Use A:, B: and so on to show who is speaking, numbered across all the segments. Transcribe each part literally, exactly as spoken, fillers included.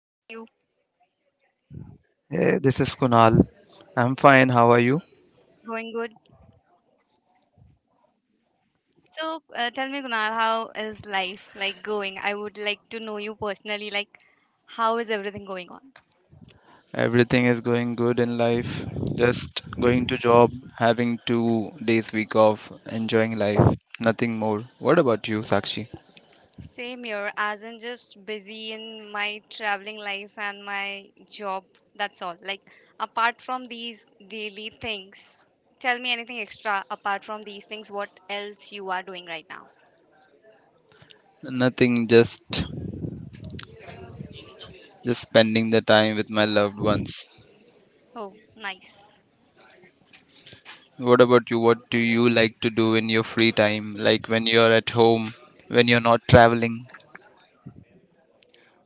A: How are you?
B: Hey, this is Kunal. I'm fine. How are you?
A: Going good. So, uh, tell me, Kunal, how is life like going? I would like to know you personally, like how is everything going on?
B: Everything is going good in life. Just going to job, having two days week off, enjoying life. Nothing more. What about you, Sakshi?
A: Same here, as in just busy in my traveling life and my job. That's all. Like apart from these daily things, tell me anything extra apart from these things. What else you are doing right now?
B: Nothing, just just spending the time with my loved ones.
A: Oh, nice.
B: What about you? What do you like to do in your free time? Like when you're at home, when you're not traveling?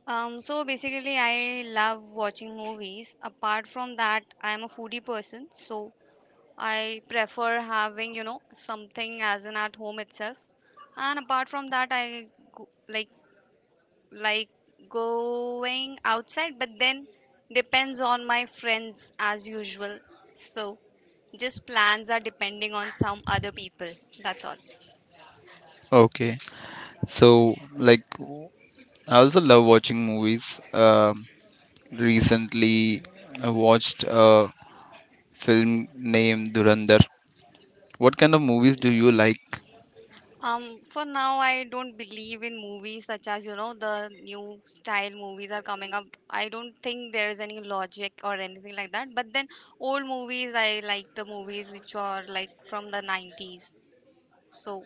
A: Um, so basically, I love watching movies. Apart from that, I am a foodie person, so I prefer having you know, something as in at home itself. And apart from that, I go, like like going outside, but then depends on my friends as usual. So just plans are depending on some other people. That's all.
B: Okay. So, like, I also love watching movies. Um Recently, I watched a film name Durandar. What kind of movies do you like
A: Um, for now, I don't believe in movies such as you know, the new style movies are coming up. I don't think there is any logic or anything like that. But then old movies, I like the movies which are like from the nineties. So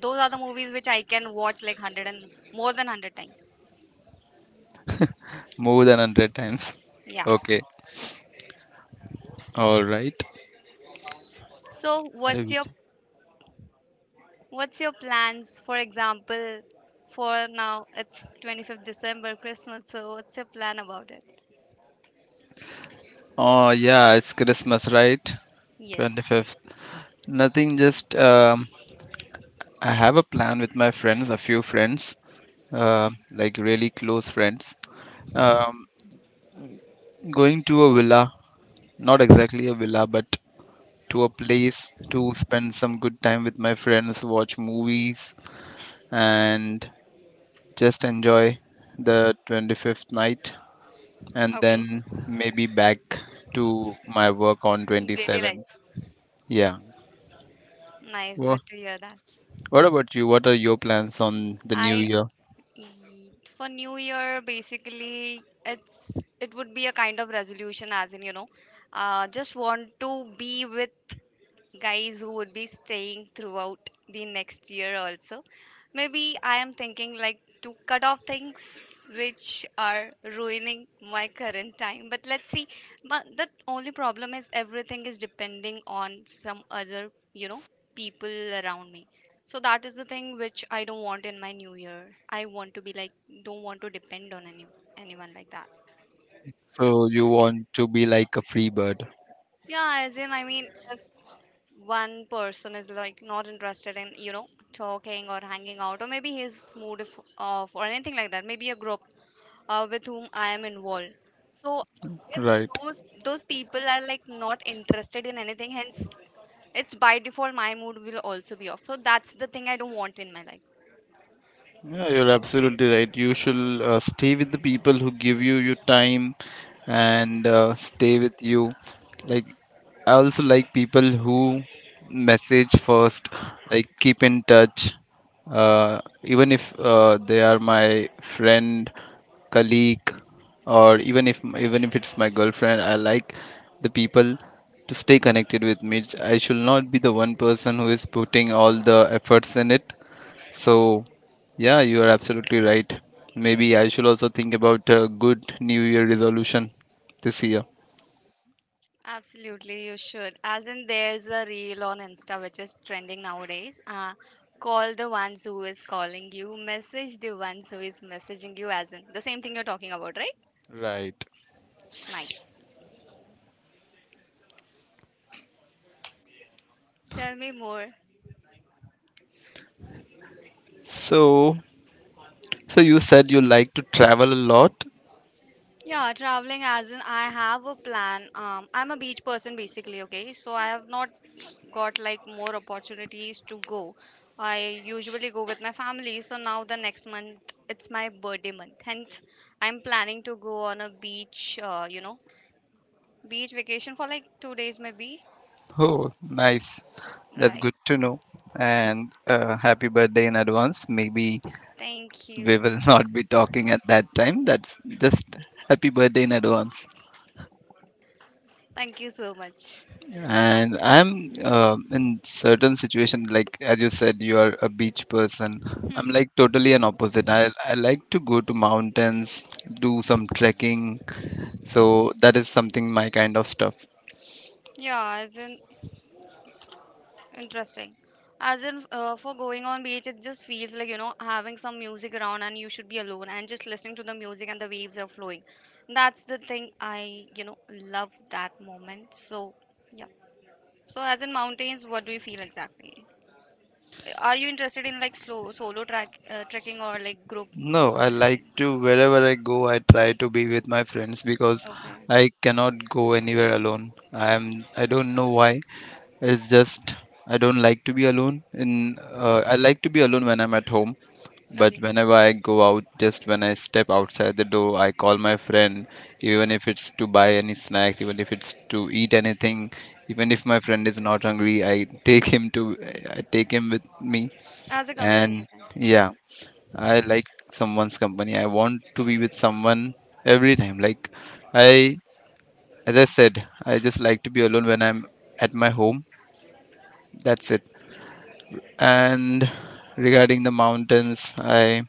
A: those are the movies which I can watch like a hundred and more than a hundred times.
B: more than a hundred times?
A: Yeah.
B: Okay, alright.
A: So
B: अरे
A: what's your
B: which
A: what's your plans? For example, for now it's twenty-fifth December, Christmas. So what's your plan about it?
B: Oh, yeah, it's Christmas, right?
A: Yes.
B: twenty-fifth. Nothing, just um, I have a plan with my friends, a few friends, uh, like really close friends. Um, Going to a villa, not exactly a villa, but to a place to spend some good time with my friends, watch movies, and just enjoy the twenty-fifth night and
A: Okay.
B: then maybe back to my work on
A: Daily
B: twenty-seventh.
A: life.
B: Yeah.
A: Nice,
B: Well,
A: good to hear that.
B: what about you? What are your plans on the new
A: I
B: year?
A: eat for New Year, basically it's it would be a kind of resolution, as in you know uh, just want to be with guys who would be staying throughout the next year also. Maybe I am thinking like to cut off things which are ruining my current time. But let's see. But the only problem is everything is depending on some other you know, people around me. So that is the thing which I don't want in my new year. I want to be like don't want to depend on any anyone like that.
B: So you want to be like a free bird,
A: Yeah, as in I mean, one person is like not interested in you know talking or hanging out, or maybe his mood if, off or anything like that, maybe a group uh, with whom I am involved. So if
B: right?
A: those those people are like not interested in anything, hence it's by default, my mood will also be off. So that's the thing I don't want in my life.
B: Yeah, you're absolutely right. You should uh, stay with the people who give you your time and uh, stay with you. Like I also like people who message first, like keep in touch. Uh, even if uh, they are my friend, colleague, or even if even if it's my girlfriend, I like the people to stay connected with me. I should not be the one person who is putting all the efforts in it. So, yeah, you are absolutely right. Maybe I should also think about a good New Year resolution this year.
A: Absolutely, you should. As in, there's a reel on Insta which is trending nowadays. Uh, call the ones who is calling you, message the ones who is messaging you, as in the same thing you're talking about, right?
B: Right.
A: Nice. Tell me more.
B: So, So you said you like to travel a lot.
A: Yeah, traveling, as in I have a plan. Um, I'm a beach person, basically, okay? So I have not got like more opportunities to go. I usually go with my family, so now the next month it's my birthday month. Hence, I'm planning to go on a beach, uh, you know, beach vacation for like two days maybe.
B: Oh, nice. That's
A: Right.
B: good to know. And uh, happy birthday in advance. Maybe
A: Thank
B: we
A: you.
B: will not be talking at that time. That's just happy birthday in advance.
A: Thank you so much for that.
B: And I'm uh, in certain situation like as you said, you are a beach person. I'm
A: Hmm.
B: like totally an opposite. I I like to go to mountains, do some trekking. So that is something my kind of stuff.
A: Yeah, as in interesting. As in, uh, for going on beach, it just feels like you know, having some music around, and you should be alone and just listening to the music and the waves are flowing. That's the thing I you know, love that moment. So, yeah. So, as in mountains, what do you feel exactly? Uh, Are you interested in like slow solo track uh, trekking, or like group
B: No, I
A: or
B: like
A: anything?
B: to wherever I go, I try to be with my friends because
A: Okay.
B: I cannot go anywhere alone. I am I don't know why. It's just I don't like to be alone. In uh, I like to be alone when I'm at home, but
A: Okay.
B: whenever I go out, just when I step outside the door, I call my friend, even if it's to buy any snacks, even if it's to eat anything, even if my friend is not hungry, I take him to I take him with me,
A: As a company,
B: and
A: yes.
B: yeah I like someone's company. I want to be with someone every time. Like I As I said, I just like to be alone when I'm at my home. That's it. And regarding the mountains, I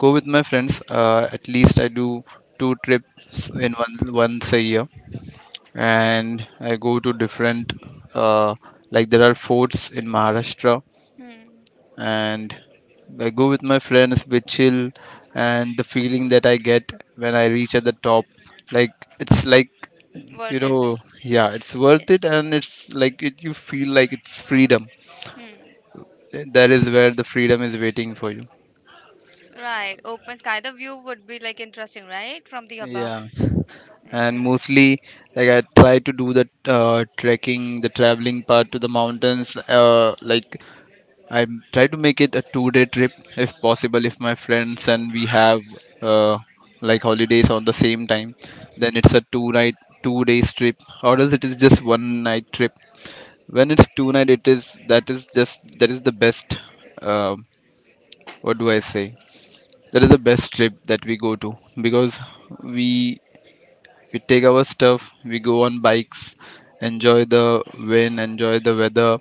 B: go with my friends. Uh, at least I do two trips in one once a year, and I go to different. Uh, like there are forts in Maharashtra
A: Hmm.
B: and I go with my friends, we chill, and the feeling that I get when I reach at the top, like it's like you
A: Worth it, like.
B: know, yeah, it's worth it,
A: Yes.
B: and it's like it, you feel like it's freedom.
A: Hmm.
B: Th- That is where the freedom is waiting for you.
A: Right. Open sky. The view would be like interesting, right? From the above.
B: Yeah, and
A: Interesting.
B: mostly like I try to do the uh, trekking, the traveling part to the mountains, uh, like I try to make it a two-day trip if possible. If my friends and we have uh, like holidays on the same time, then it's a two-night, two days trip, or else it is just one night trip. When it's two night, it is that is just that is the best. Uh, what do I say? That is the best trip that we go to because we we take our stuff, we go on bikes, enjoy the wind, enjoy the weather,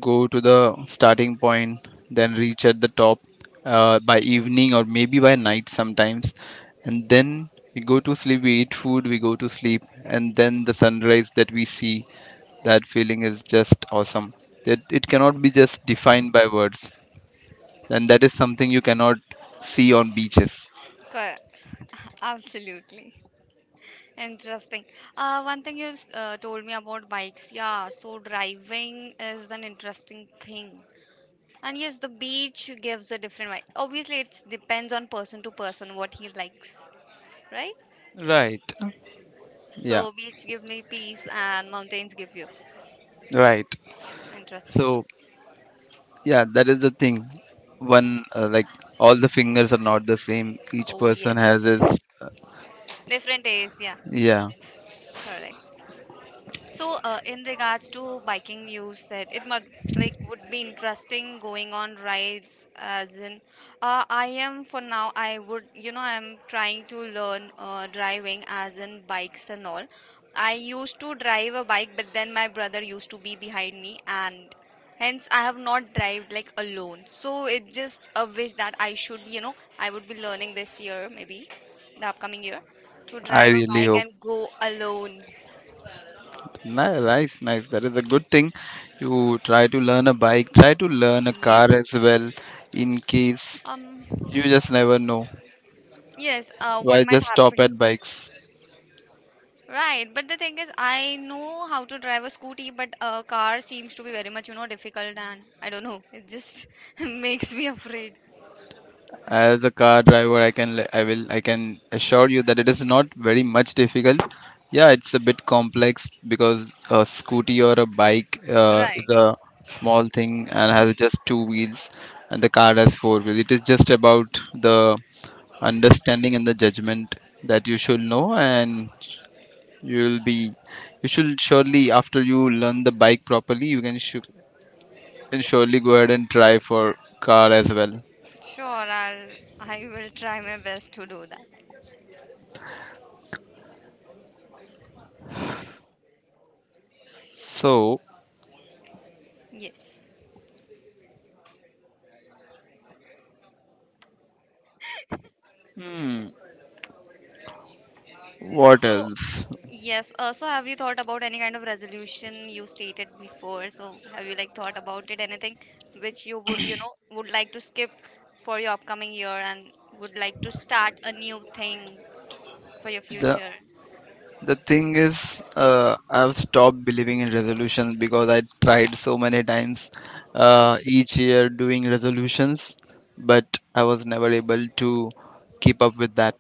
B: go to the starting point, then reach at the top uh, by evening or maybe by night sometimes. And then we go to sleep, we eat food, we go to sleep, and then the sunrise that we see, that feeling is just awesome. That it cannot be just defined by words, and that is something you cannot see on beaches.
A: Correct. Absolutely. Interesting. Uh, one thing you s- uh, told me about bikes. Yeah, so driving is an interesting thing. And yes, the beach gives a different vibe. Obviously, it depends on person to person what he likes, right?
B: Right. Yeah.
A: So beach give me peace and mountains give you.
B: Right.
A: Interesting.
B: So yeah, that is the thing. One uh, like all the fingers are not the same. Each
A: Oh
B: person has
A: yes.
B: his
A: Different days. Yeah.
B: yeah
A: Correct. So, uh, in regards to biking, you said it must like would be interesting going on rides, as in uh, I am for now I would you know I'm trying to learn uh, driving, as in bikes and all. I used to drive a bike, but then my brother used to be behind me, and hence I have not drived like alone. So it just a wish that I should you know I would be learning this year, maybe the upcoming year, to
B: I
A: drive a
B: really
A: bike
B: hope.
A: and go alone.
B: Ni- Nice, nice. That is a good thing. You try to learn a bike, try to learn a car
A: Yes.
B: as well, in case
A: Um,
B: you just never know.
A: yes, uh, what
B: Why
A: might
B: just stop
A: happen?
B: at bikes?
A: Right, but the thing is, I know how to drive a scooty, but a car seems to be very much you know, difficult, and I don't know, it just makes me afraid.
B: As a car driver, I can, le- I will, I can assure you that it is not very much difficult. Yeah, it's a bit complex because a scooty or a bike uh, is
A: Right.
B: a small thing and has just
A: Hmm.
B: two wheels, and the car has four wheels. It is just about the understanding and the judgment that you should know and you'll be you should surely after you learn the bike properly you can, sh- can surely go ahead and try for car as well
A: Sure, I'll, I will try my best to do that.
B: so
A: Yes.
B: hmm, what
A: So,
B: else
A: yes. Uh, so have you thought about any kind of resolution you stated before? So have you like thought about it? Anything which you would you know, would like to skip for your upcoming year and would like to start a new thing for your
B: the
A: future?
B: The thing is, uh, I've stopped believing in resolutions because I tried so many times
A: Oh,
B: uh, each year doing resolutions, but I was never able to keep up with that.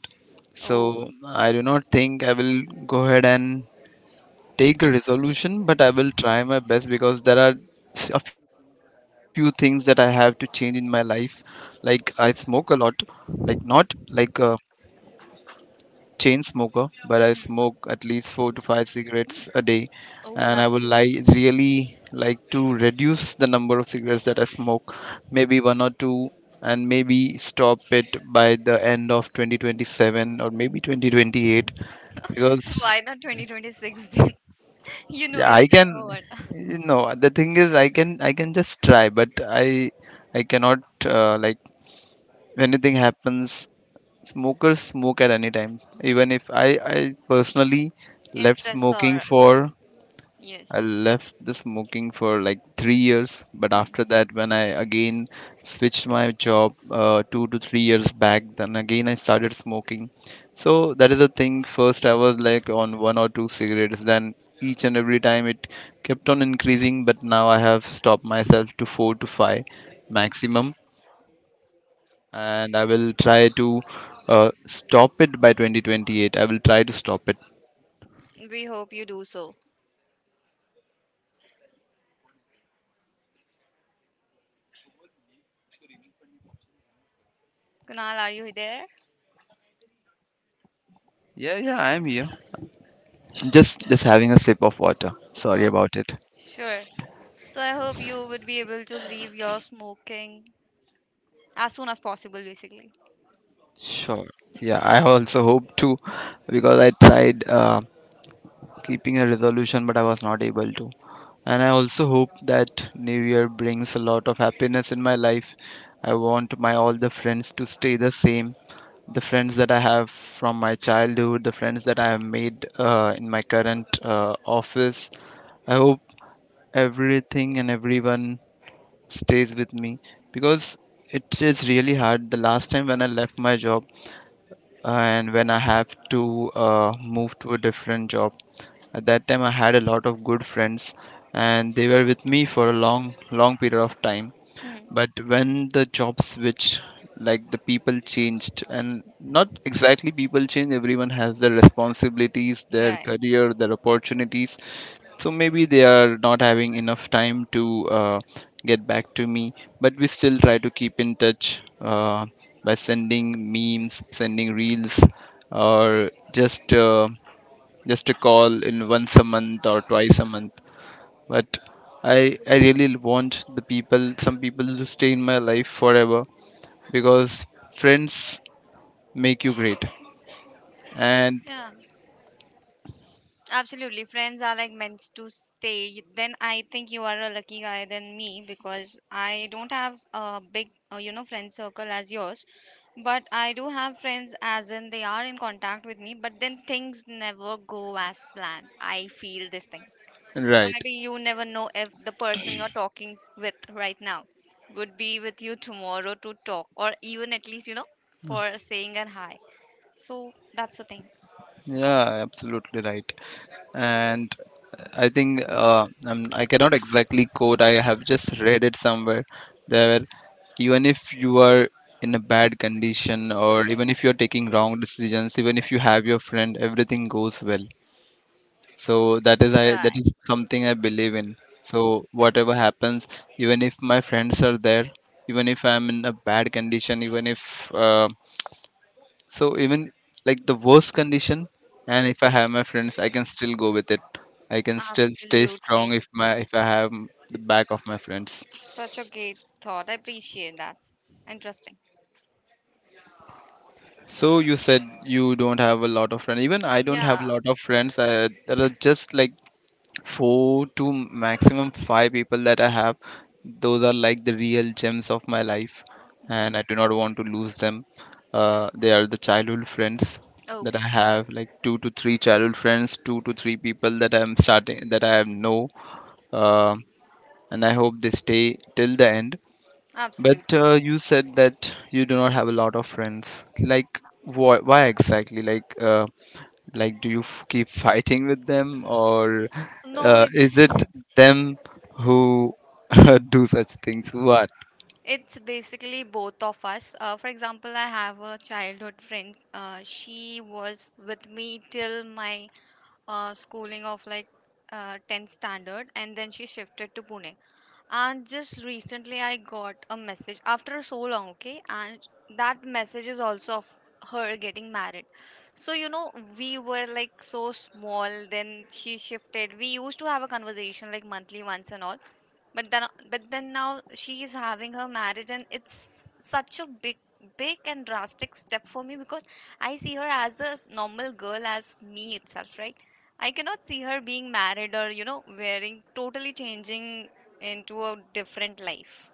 A: oh,
B: So I do not think I will go ahead and take a resolution, but I will try my best because there are a few things that I have to change in my life. Like I smoke a lot, like not like uh, chain smoker, but I
A: hmm.
B: smoke at least four to five cigarettes a day,
A: Oh,
B: and I
A: that's
B: would
A: huge.
B: like really like to reduce the number of cigarettes that I smoke, maybe one or two, and maybe stop it by the end of twenty twenty-seven or maybe twenty twenty-eight because
A: Why not twenty twenty-six then? You know
B: yeah,
A: your
B: I
A: time
B: can.
A: over.
B: No, the thing is, I can I can just try, but I I cannot uh, like if anything happens Smokers smoke at any time. Even if I, I personally
A: In
B: left smoking
A: stressor.
B: for, I
A: Yes.
B: left the smoking for like three years. But
A: Hmm.
B: after that, when I again switched my job uh, two to three years back, then again I started smoking. So that is the thing. First, I was like on one or two cigarettes. Then each and every time it kept on increasing. But now I have stopped myself to four to five maximum and I will try to uh, stop it by twenty twenty-eight. I will try to stop it.
A: We hope you do so. Kunal, are you there?
B: Yeah, yeah, I am here. Just just having a sip of water. Sorry about
A: Okay,
B: it.
A: sure. So I hope you would be able to leave your smoking as soon as possible, basically.
B: Sure. Yeah, I also hope to because I tried uh, keeping a resolution but I was not able to. And I also hope that New Year brings a lot of happiness in my life. I want my all the friends to stay the same the friends that I have from my childhood, the friends that I have made uh, in my current uh, office. I hope everything and everyone stays with me because it is really hard. The last time when I left my job uh, and when I have to uh, move to a different job, at that time I had a lot of good friends and they were with me for a long, long period of time
A: Hmm.
B: but when the job switched like the people changed and not exactly people change, everyone has their responsibilities, their
A: Right.
B: career, their opportunities, so maybe they are not having enough time to uh, get back to me but we still try to keep in touch uh, by sending memes sending reels or just uh, just a call in once a month or twice a month but I I really want the people, some people to stay in my life forever because friends make you great. And
A: Yeah, absolutely. Friends are like meant to stay. Y- Then I think you are a lucky guy than me, because I don't have a big, uh, you know, friend circle as yours. But I do have friends, as in they are in contact with me, but then things never go as planned. I feel this thing. So
B: right,
A: maybe you never know if the person you're talking with right now would be with you tomorrow to talk, or even at least you know, for saying a hi. So that's the thing.
B: yeah, absolutely right. And I think uh, I'm, I cannot exactly quote. I have just read it somewhere. There, even if you are in a bad condition or even if you are taking wrong decisions, even if you have your friend, everything goes well. So that is I that
A: Right.
B: is something I believe in. So whatever happens, even if my friends are there, even if I'm in a bad condition, even if uh, so even like the worst condition, and if I have my friends, I can still go with it. I can still stay strong
A: Absolutely.
B: if my if I have m- the back of my friends.
A: Such a great thought. I appreciate that. Interesting.
B: So you said you don't have a lot of friends. Even I don't have a
A: Yeah.
B: lot of friends. I, there are just like four to maximum five people that I have, those are like the real gems of my life, and I
A: Hmm.
B: do not want to lose them. Uh, they are the childhood friends that I
A: Okay.
B: have, like two to three childhood friends, two to three people that I'm starting that I know. uh, and I hope they stay till the end. But uh,
A: Absolutely.
B: you said that you do not have a lot of friends. Like, why, why exactly? Like, uh, like, do you f- keep fighting with them, or
A: No,
B: uh,
A: it's
B: is it them who do such things? What?
A: it's basically both of us. Uh, for example, I have a childhood friend. Uh, she was with me till my uh, schooling of like uh, tenth standard, and then she shifted to Pune. And just recently I got a message after so long, okay? And that message is also of her getting married. So you know, we were like so small, then she shifted. We used to have a conversation like monthly once and all. But then but then now she is having her marriage, and it's such a big, big and drastic step for me, because I see her as a normal girl as me itself, right? I cannot see her being married, or you know, wearing, totally changing into a different life.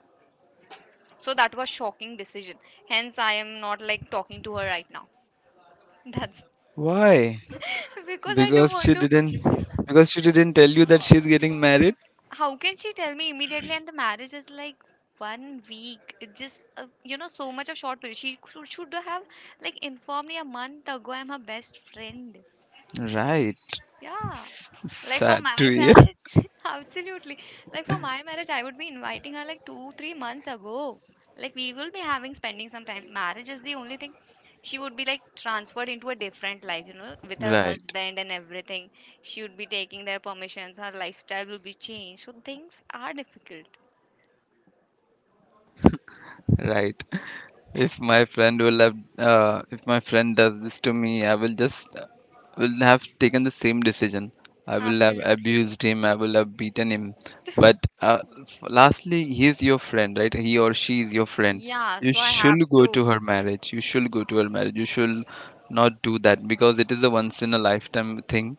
A: So that was shocking decision. Hence I am not like talking to her right now. That's
B: Why?
A: because I don't
B: Because
A: want
B: she
A: to.
B: didn't. Because she didn't tell you that she's getting married.
A: How can she tell me immediately, and the marriage is like one week? It's just uh, you know so much of short period. She should, should have like informed me a month ago. I'm her best friend.
B: Right.
A: Yeah. Like for
B: Sad
A: my
B: to hear.
A: marriage, absolutely. Like for my marriage, I would be inviting her like two, three months ago. Like we will be having spending some time. Marriage is the only thing. She would be like transferred into a different life, you know, with her
B: Right.
A: husband and everything. She would be taking their permissions. Her lifestyle will be changed. So things are difficult.
B: Right. If my friend will have, uh, if my friend does this to me, I will just uh, will have taken the same decision. I will have
A: Absolutely.
B: abused him. I will have beaten him. But uh, f- lastly, he is your friend, right? He or she is your friend.
A: Yeah,
B: You
A: so I have
B: should go
A: to.
B: to her marriage. You should go to her marriage. You should not do that because it is a once in a lifetime thing.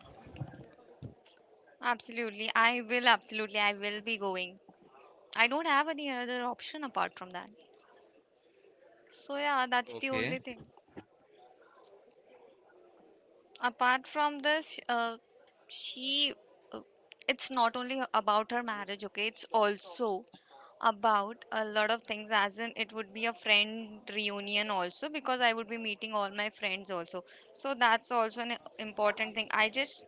A: Absolutely. I will, absolutely. I will be going. I don't have any other option apart from that. So yeah, that's the
B: Okay.
A: only thing. Apart from this, uh, she, uh, it's not only about her marriage, okay? It's also about a lot of things, as in it would be a friend reunion also, because I would be meeting all my friends also. So that's also an important thing. I just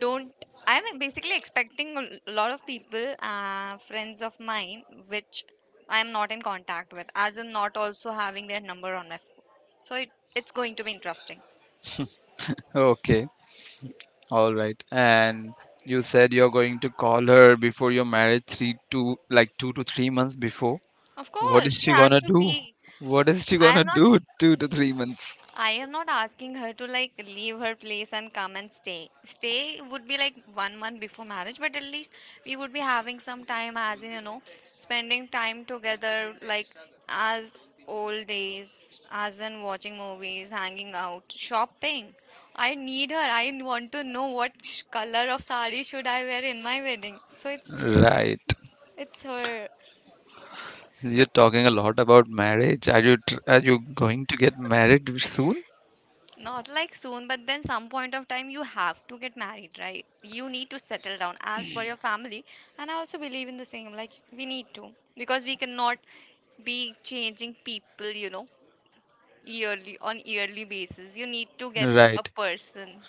A: don't. I'm basically expecting a lot of people, uh, friends of mine, which I am not in contact with, as in not also having their number on my phone. So it, it's going to be interesting.
B: Okay, all right. And you said you're going to call her before your marriage three to like two to three months before.
A: Of
B: What
A: course,
B: is
A: she
B: she
A: has
B: gonna
A: to
B: do?
A: be.
B: What is she
A: I
B: gonna
A: am not
B: do two to three months?
A: I am not asking her to like leave her place and come and stay. Stay would be like one month before marriage, but at least we would be having some time, as in you know, spending time together like as old days, as in watching movies, hanging out, shopping. I need her. I want to know what sh- color of sari should I wear in my wedding. So it's
B: Right.
A: it's her.
B: You're talking a lot about marriage. Are you tr- are you going to get married soon?
A: Not like soon, but then some point of time you have to get married, right? You need to settle down as per your family. And I also believe in the same, like we need to, because we cannot be changing people you know, yearly on yearly basis. You need to get a
B: Right.
A: person.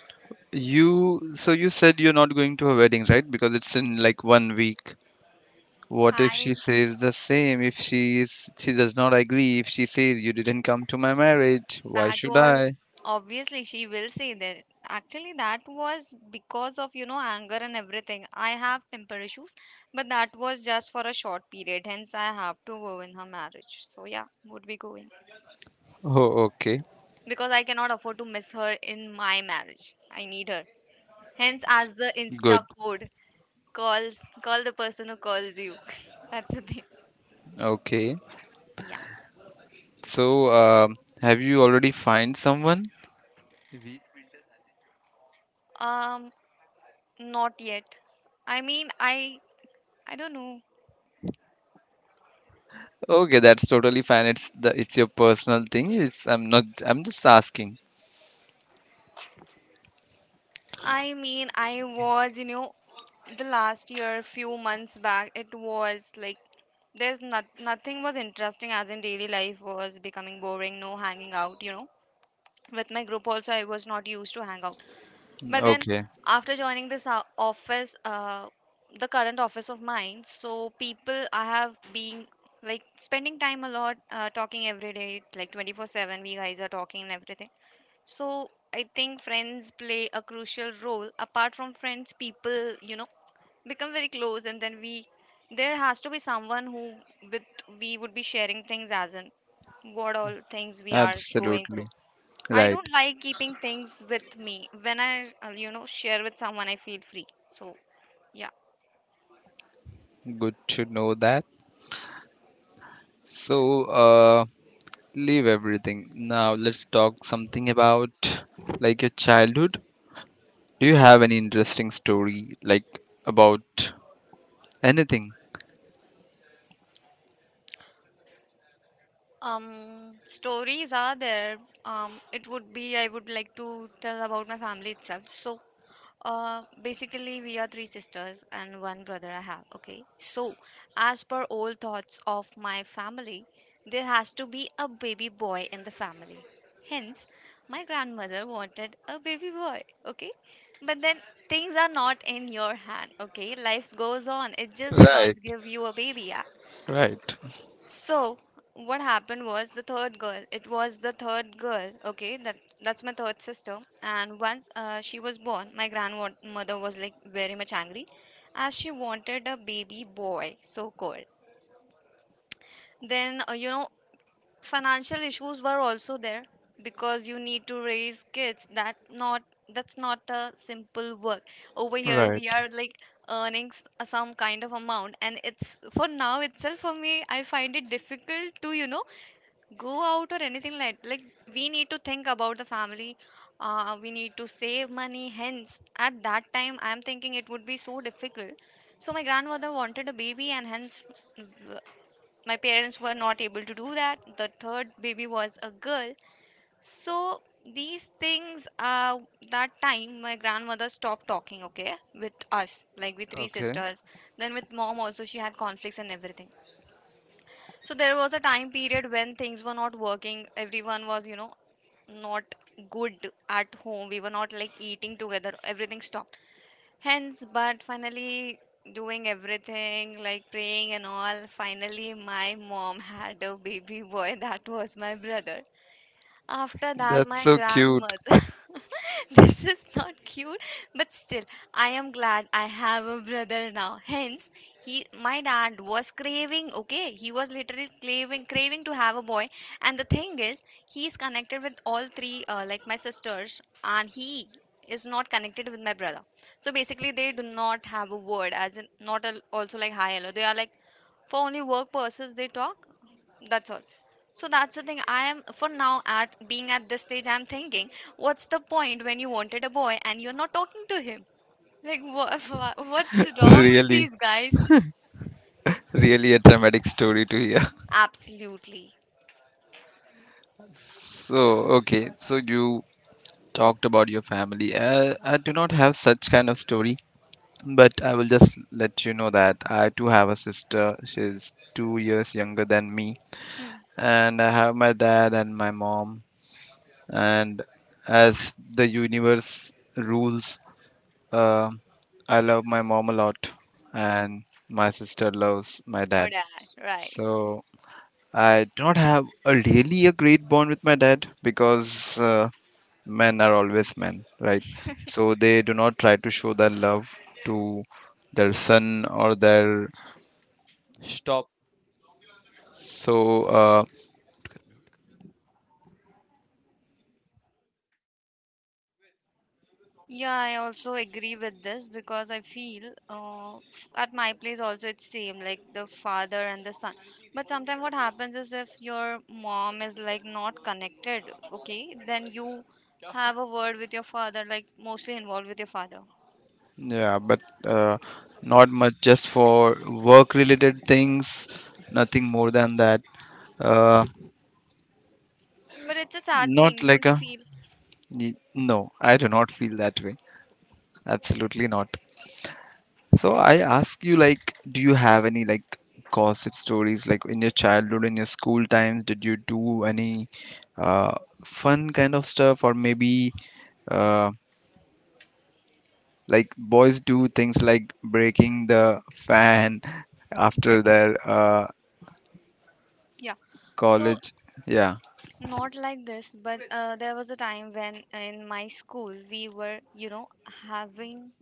B: You so you said you're not going to her wedding, right? Because it's in like one week. What if
A: I
B: she says the same? If she is she does not agree, if she says you didn't come to my marriage, why
A: That
B: should
A: was
B: I?
A: obviously she will say that. Actually, that was because of, you know, anger and everything. I have temper issues, but that was just for a short period. Hence, I have to go in her marriage. So, yeah, would be going
B: Oh, okay.
A: because I cannot afford to miss her in my marriage. I need her. Hence, as the
B: Good.
A: Insta code calls, call the person who calls you. That's the thing.
B: Okay.
A: Yeah.
B: So, um, have you already find someone?
A: Um, Not yet. I mean, I I don't know.
B: Okay, that's totally fine. It's the it's your personal thing. It's I'm not I'm just asking.
A: I mean, I was, you know, the last year, few months back, it was like there's not nothing was interesting as in daily life was becoming boring, no hanging out, you know. With my group also, I was not used to hang out. But then
B: Okay,
A: after joining this uh, office, uh, the current office of mine, so people I have been like spending time a lot, uh, talking every day, like twenty four seven. We guys are talking and everything. So I think friends play a crucial role. Apart from friends, people, you know become very close, and then we, there has to be someone who, with, we would be sharing things as in what all things we are going
B: absolutely.
A: through. I
B: Right.
A: don't like keeping things with me. When I uh, you know share with someone, I feel free. So, yeah.
B: Good to know that. So, uh leave everything. Now let's talk something about like your childhood. Do you have any interesting story like about anything?
A: um Stories are there. Um it would be, I would like to tell about my family itself. So, uh, basically, we are three sisters and one brother I have. Okay. So, as per old thoughts of my family, there has to be a baby boy in the family. Hence, my grandmother wanted a baby boy. Okay. But then things are not in your hand. Okay. Life goes on. It's just the
B: Right,
A: gods give you a baby. Yeah?
B: right,
A: So what happened was the third girl. It was the third girl. Okay, that that's my third sister. And once, uh, she was born, my grandmother was like very much angry, as she wanted a baby boy, so called. Then, uh, you know financial issues were also there because you need to raise kids. That not that's not a simple work. Over here
B: right.
A: we are like earning s- some kind of amount, and it's for now itself. For me, I find it difficult to you know go out or anything, like like we need to think about the family. Uh, we need to save money. Hence, at that time I am thinking it would be so difficult. So my grandmother wanted a baby, and hence w- my parents were not able to do that. The third baby was a girl. So these things, uh that time my grandmother stopped talking, okay, with us, like with three
B: Okay.
A: sisters. Then with mom also she had conflicts and everything. So there was a time period when things were not working. Everyone was, you know, not good at home. We were not like eating together. Everything stopped. Hence, but finally doing everything like praying and all, finally my mom had a baby boy. That was my brother. After that,
B: That's
A: my
B: so cute.
A: grandmother. This is not cute, but still, I am glad I have a brother now. Hence, he, my dad was craving. Okay, he was literally craving, craving to have a boy. And the thing is, he is connected with all three, uh, like my sisters, and he is not connected with my brother. So basically, they do not have a word, as in not a, also like hi hello. They are like for only work purposes they talk. That's all. So that's the thing. I am for now at being at this stage. I'm thinking, what's the point when you wanted a boy and you're not talking to him? Like, wha wha- what's wrong with
B: Really,
A: these guys?
B: really a dramatic story to hear.
A: Absolutely.
B: So, okay. So you talked about your family. Uh, I do not have such kind of story, but I will just let you know that I do have a sister. She's two years younger than me,
A: Hmm.
B: and I have my dad and my mom. And as the universe rules, uh, I love my mom a lot, and my sister loves my
A: Heard
B: dad.
A: that, right?
B: So I do not have a really a great bond with my dad because. Uh, men are always men, right? So they do not try to show their love to their son or their stop. So uh,
A: Yeah, I also agree with this because I feel, uh, at my place also it's same, like the father and the son. But sometimes what happens is if your mom is like not connected, okay, then you have a word with your father, like mostly involved with your father.
B: yeah, but uh, not much, just for work-related things, nothing more than that. Uh,
A: But it's a sad
B: not
A: thing,
B: like
A: don't you
B: a
A: feel?
B: y- no, I do not feel that way. Absolutely not. So I ask you, like, do you have any like gossip stories, like in your childhood, in your school times? Did you do any uh, fun kind of stuff, or maybe uh, like boys do things like breaking the fan after their uh,
A: Yeah. So
B: college? Yeah.
A: not like this, but, uh, there was a time when in my school we were, you know, having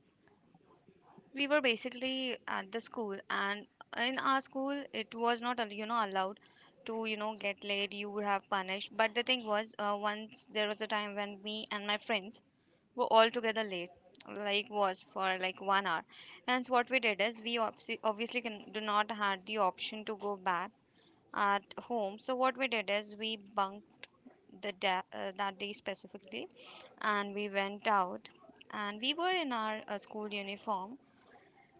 A: we were basically at the school, and in our school it was not al- you know allowed to you know get late. You would have punished. But the thing was, uh, once there was a time when me and my friends were all together late, like was for like one hour. And so what we did is we obviously, obviously can, do not had the option to go back at home. So what we did is we bunked the da- uh, that day specifically, and we went out, and we were in our uh, school uniform.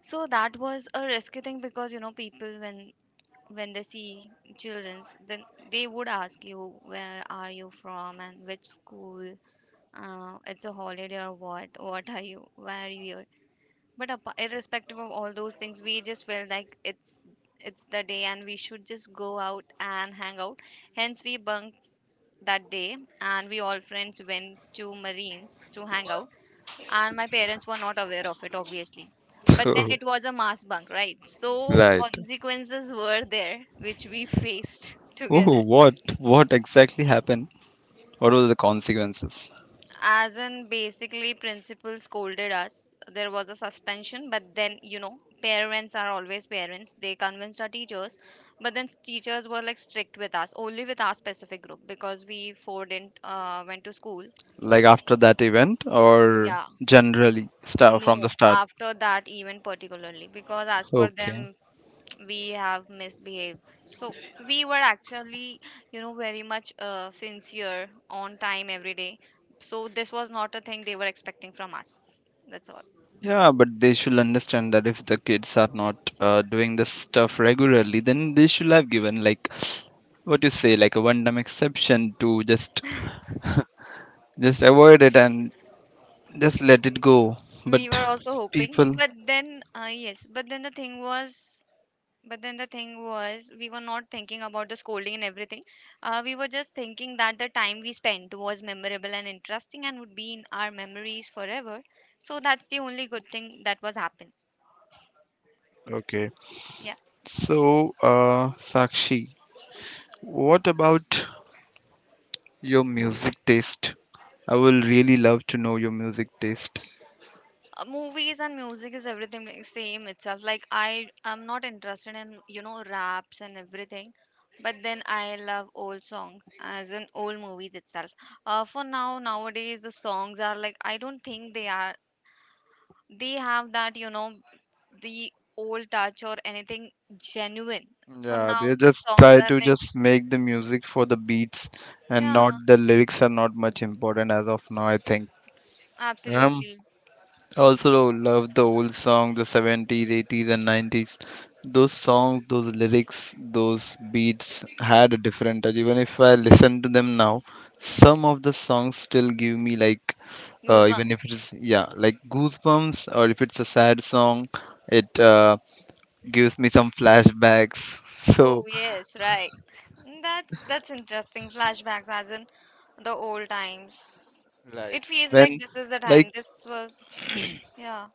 A: So that was a risky thing, because you know people, when when they see childrens, then they would ask you where are you from and which school, uh, it's a holiday or what what are you, where are you here? But apa, irrespective of all those things, we just felt like it's it's the day and we should just go out and hang out. Hence we bunked that day, and we all friends went to marines to hang out, and my parents were not aware of it, obviously. But then it
B: So
A: was a mass bunk, right? So
B: right.
A: consequences were there which we faced
B: Oh,
A: together.
B: what what exactly happened? What were the consequences?
A: As in, basically, principal scolded us. There was a suspension, but then, you know parents are always parents. They convinced our teachers. But then teachers were like strict with us, only with our specific group, because we four didn't, uh, went to school.
B: Like after that event, or
A: Yeah,
B: generally start
A: no,
B: from the start?
A: after that even particularly, because as per
B: Okay.
A: them we have misbehaved. So we were actually, you know very much, uh, sincere on time every day. So this was not a thing they were expecting from us. That's all.
B: Yeah, but they should understand that if the kids are not uh, doing this stuff regularly, then they should have given like what you say, like a one-time exception to just just avoid it and just let it go. But
A: We were also hoping,
B: people,
A: but then, uh, yes, but then the thing was, but then the thing was we were not thinking about the scolding and everything. Uh, we were just thinking that the time we spent was memorable and interesting and would be in our memories forever. So that's the only good thing that was happened.
B: okay.
A: Yeah.
B: So, uh, Sakshi, what about your music taste? I will really love to know your music taste.
A: Uh, movies and music is everything like same itself. Like, I am not interested in, you know raps and everything, but then I love old songs, as in old movies itself. Uh, for now, nowadays the songs are like, I don't think they are, they have that, you know the old touch or anything, genuine. For
B: Yeah,
A: now
B: they
A: the
B: just
A: songs
B: try
A: are
B: to
A: like,
B: just make the music for the beats, and not
A: yeah,
B: the lyrics are not much important as of now, I think. Um,
A: absolutely.
B: I also love the old song, the seventies, eighties and nineties. Those songs, those lyrics, those beats had a different touch. Even if I listen to them now, some of the songs still give me like uh, even
A: Goosebumps.
B: if it is, yeah, like goosebumps, or if it's a sad song, it uh, gives me some flashbacks.
A: Oh
B: So
A: yes, right. That's that's interesting. Flashbacks as in the old times.
B: right.
A: It feels like
B: When
A: this is the time.
B: like
A: This was, yeah,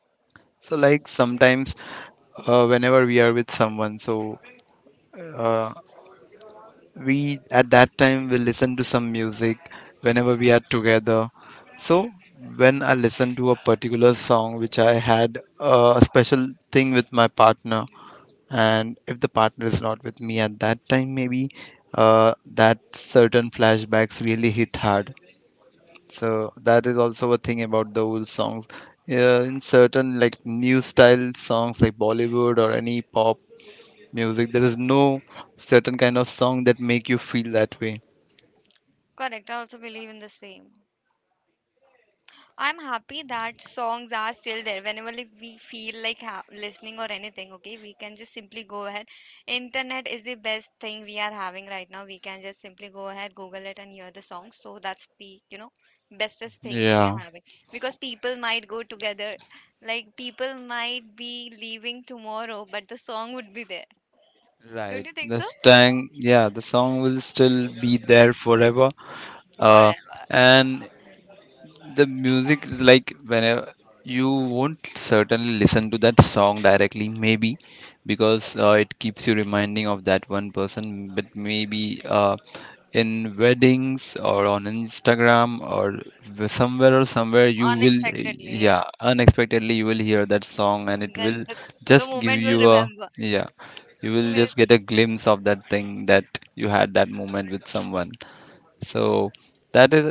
B: so like sometimes uh, whenever we are with someone, so uh, we at that time will listen to some music whenever we are together. So when I listen to a particular song which I had uh, a special thing with my partner, and if the partner is not with me at that time, maybe uh, that certain flashbacks really hit hard. So that is also a thing about the old songs. Yeah, in certain like new style songs like Bollywood or any pop music, there is no certain kind of song that make you feel that way.
A: correct. I also believe in the same. I'm happy that songs are still there. Whenever if we feel like ha- listening or anything, okay, we can just simply go ahead. Internet is the best thing we are having right now. We can just simply go ahead, Google it, and hear the songs. So that's the, you know bestest thing we
B: Yeah.
A: are having, because people might go together, like people might be leaving tomorrow, but the song would be there.
B: Right.
A: Don't you think
B: The
A: so?
B: song, yeah, the song will still be there forever. Uh,
A: Forever,
B: and the music is like whenever you won't certainly listen to that song directly maybe because uh, it keeps you reminding of that one person, but maybe uh, in weddings or on instagram or w- somewhere or somewhere you will,
A: unexpectedly,
B: yeah,
A: yeah.
B: unexpectedly you will hear that song and it will
A: Then the the
B: just give
A: moment will
B: you a,
A: remember.
B: yeah, you will just get a
A: Clips
B: glimpse of that thing that you had that moment with someone. So that is,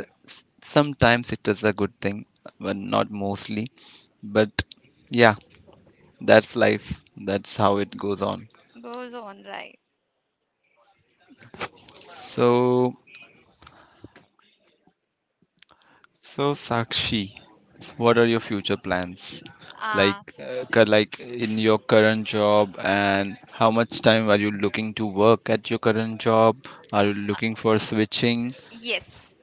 B: sometimes it is a good thing, but not mostly. But yeah, that's life. That's how it goes on.
A: goes on, right?
B: So so Sakshi, what are your future plans? Like
A: Ah,
B: uh, cu- like in your current job, and how much time are you looking to work at your current job? Are you looking for switching?
A: yes.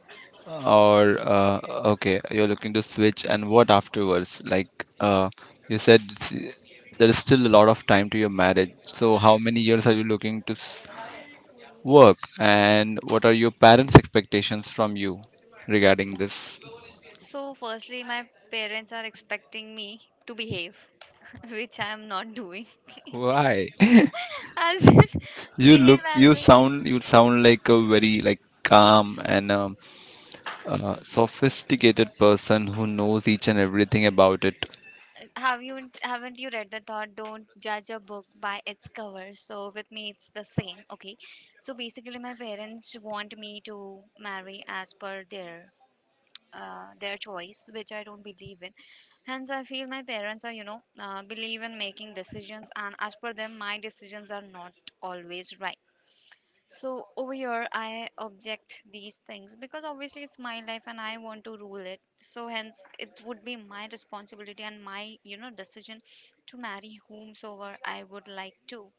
B: Or uh, okay, you're looking to switch, and what afterwards? Like uh, you said, s- there is still a lot of time to your marriage. So how many years are you looking to s- work, and what are your parents' expectations from you regarding this?
A: So, firstly, my parents are expecting me to behave, which I am not doing.
B: Why?
A: As in,
B: You
A: behave
B: look,
A: as
B: you
A: a,
B: sound, you sound like a very like calm and um, uh, sophisticated person who knows each and everything about it.
A: have you haven't you read the thought? Don't judge a book by its cover. So with me, it's the same. Okay. So basically, my parents want me to marry as per their, uh, their choice, which I don't believe in. Hence, I feel my parents are, you know, uh, believe in making decisions, and as per them, my decisions are not always right. So over here, I object these things because obviously it's my life and I want to rule it. So hence, it would be my responsibility and my, you know, decision to marry whomsoever I would like to.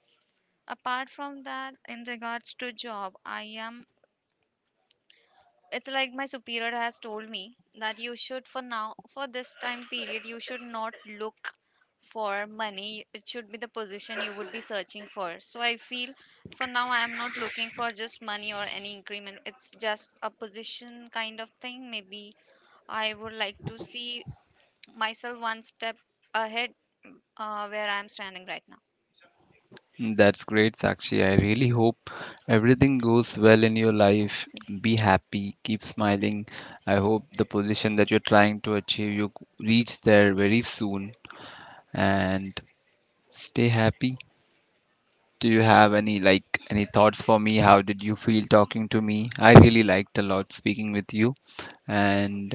A: Apart from that, in regards to job, I am it's like my superior has told me that you should, for now, for this time period, you should not look for money. It should be the position you would be searching for. So I feel for now I am not looking for just money or any increment. It's just a position kind of thing. Maybe I would like to see myself one step ahead, uh, where I am standing right now.
B: That's great, Sakshi. I really hope everything goes well in your life. Be happy, keep smiling. I hope the position that you're trying to achieve, you reach there very soon and stay happy. Do you have any like any thoughts for me? How did you feel talking to me? I really liked a lot speaking with you, and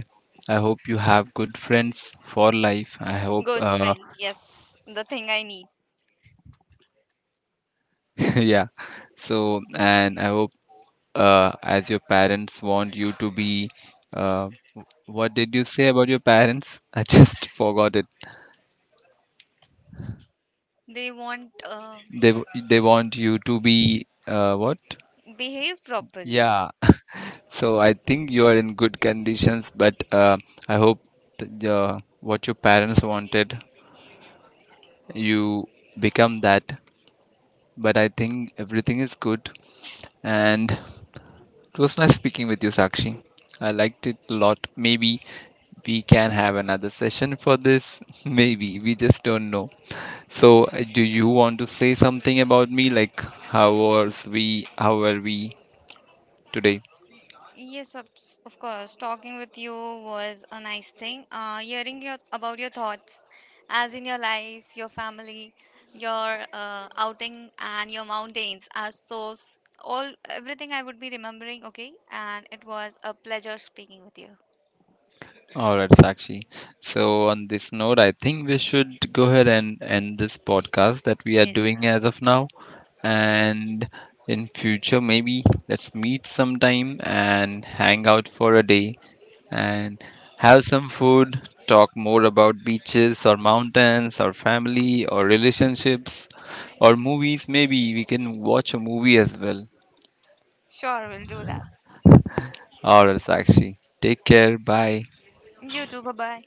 B: I hope you have good friends for life. I hope
A: Good
B: uh
A: friends, yes, the thing I need.
B: yeah. So and I hope uh, as your parents want you to be. Uh, what did you say about your parents? I just forgot it.
A: They won't, uh,
B: They w- they want you to be uh, what?
A: behave properly.
B: Yeah. So I think you are in good conditions, but uh, I hope that, uh, what your parents wanted, you become that. But I think everything is good, and it was nice speaking with you, Sakshi. I liked it a lot. Maybe we can have another session for this. Maybe we just don't know. So, uh, do you want to say something about me? Like, how was we? How were we today?
A: Yes, of s- of course. Talking with you was a nice thing. Uh, hearing your about your thoughts, as in your life, your family, your uh, outing, and your mountains are so s- all, everything I would be remembering. Okay, and it was a pleasure speaking with you.
B: All right, Sakshi. So, on this note, I think we should go ahead and end this podcast that we are doing
A: Yes.
B: as of now. And in future, maybe let's meet sometime and hang out for a day and have some food, talk more about beaches or mountains or family or relationships or movies. Maybe we can watch a movie as well.
A: Sure, we'll do that.
B: All right, Sakshi. Take care. Bye.
A: You too. Bye bye.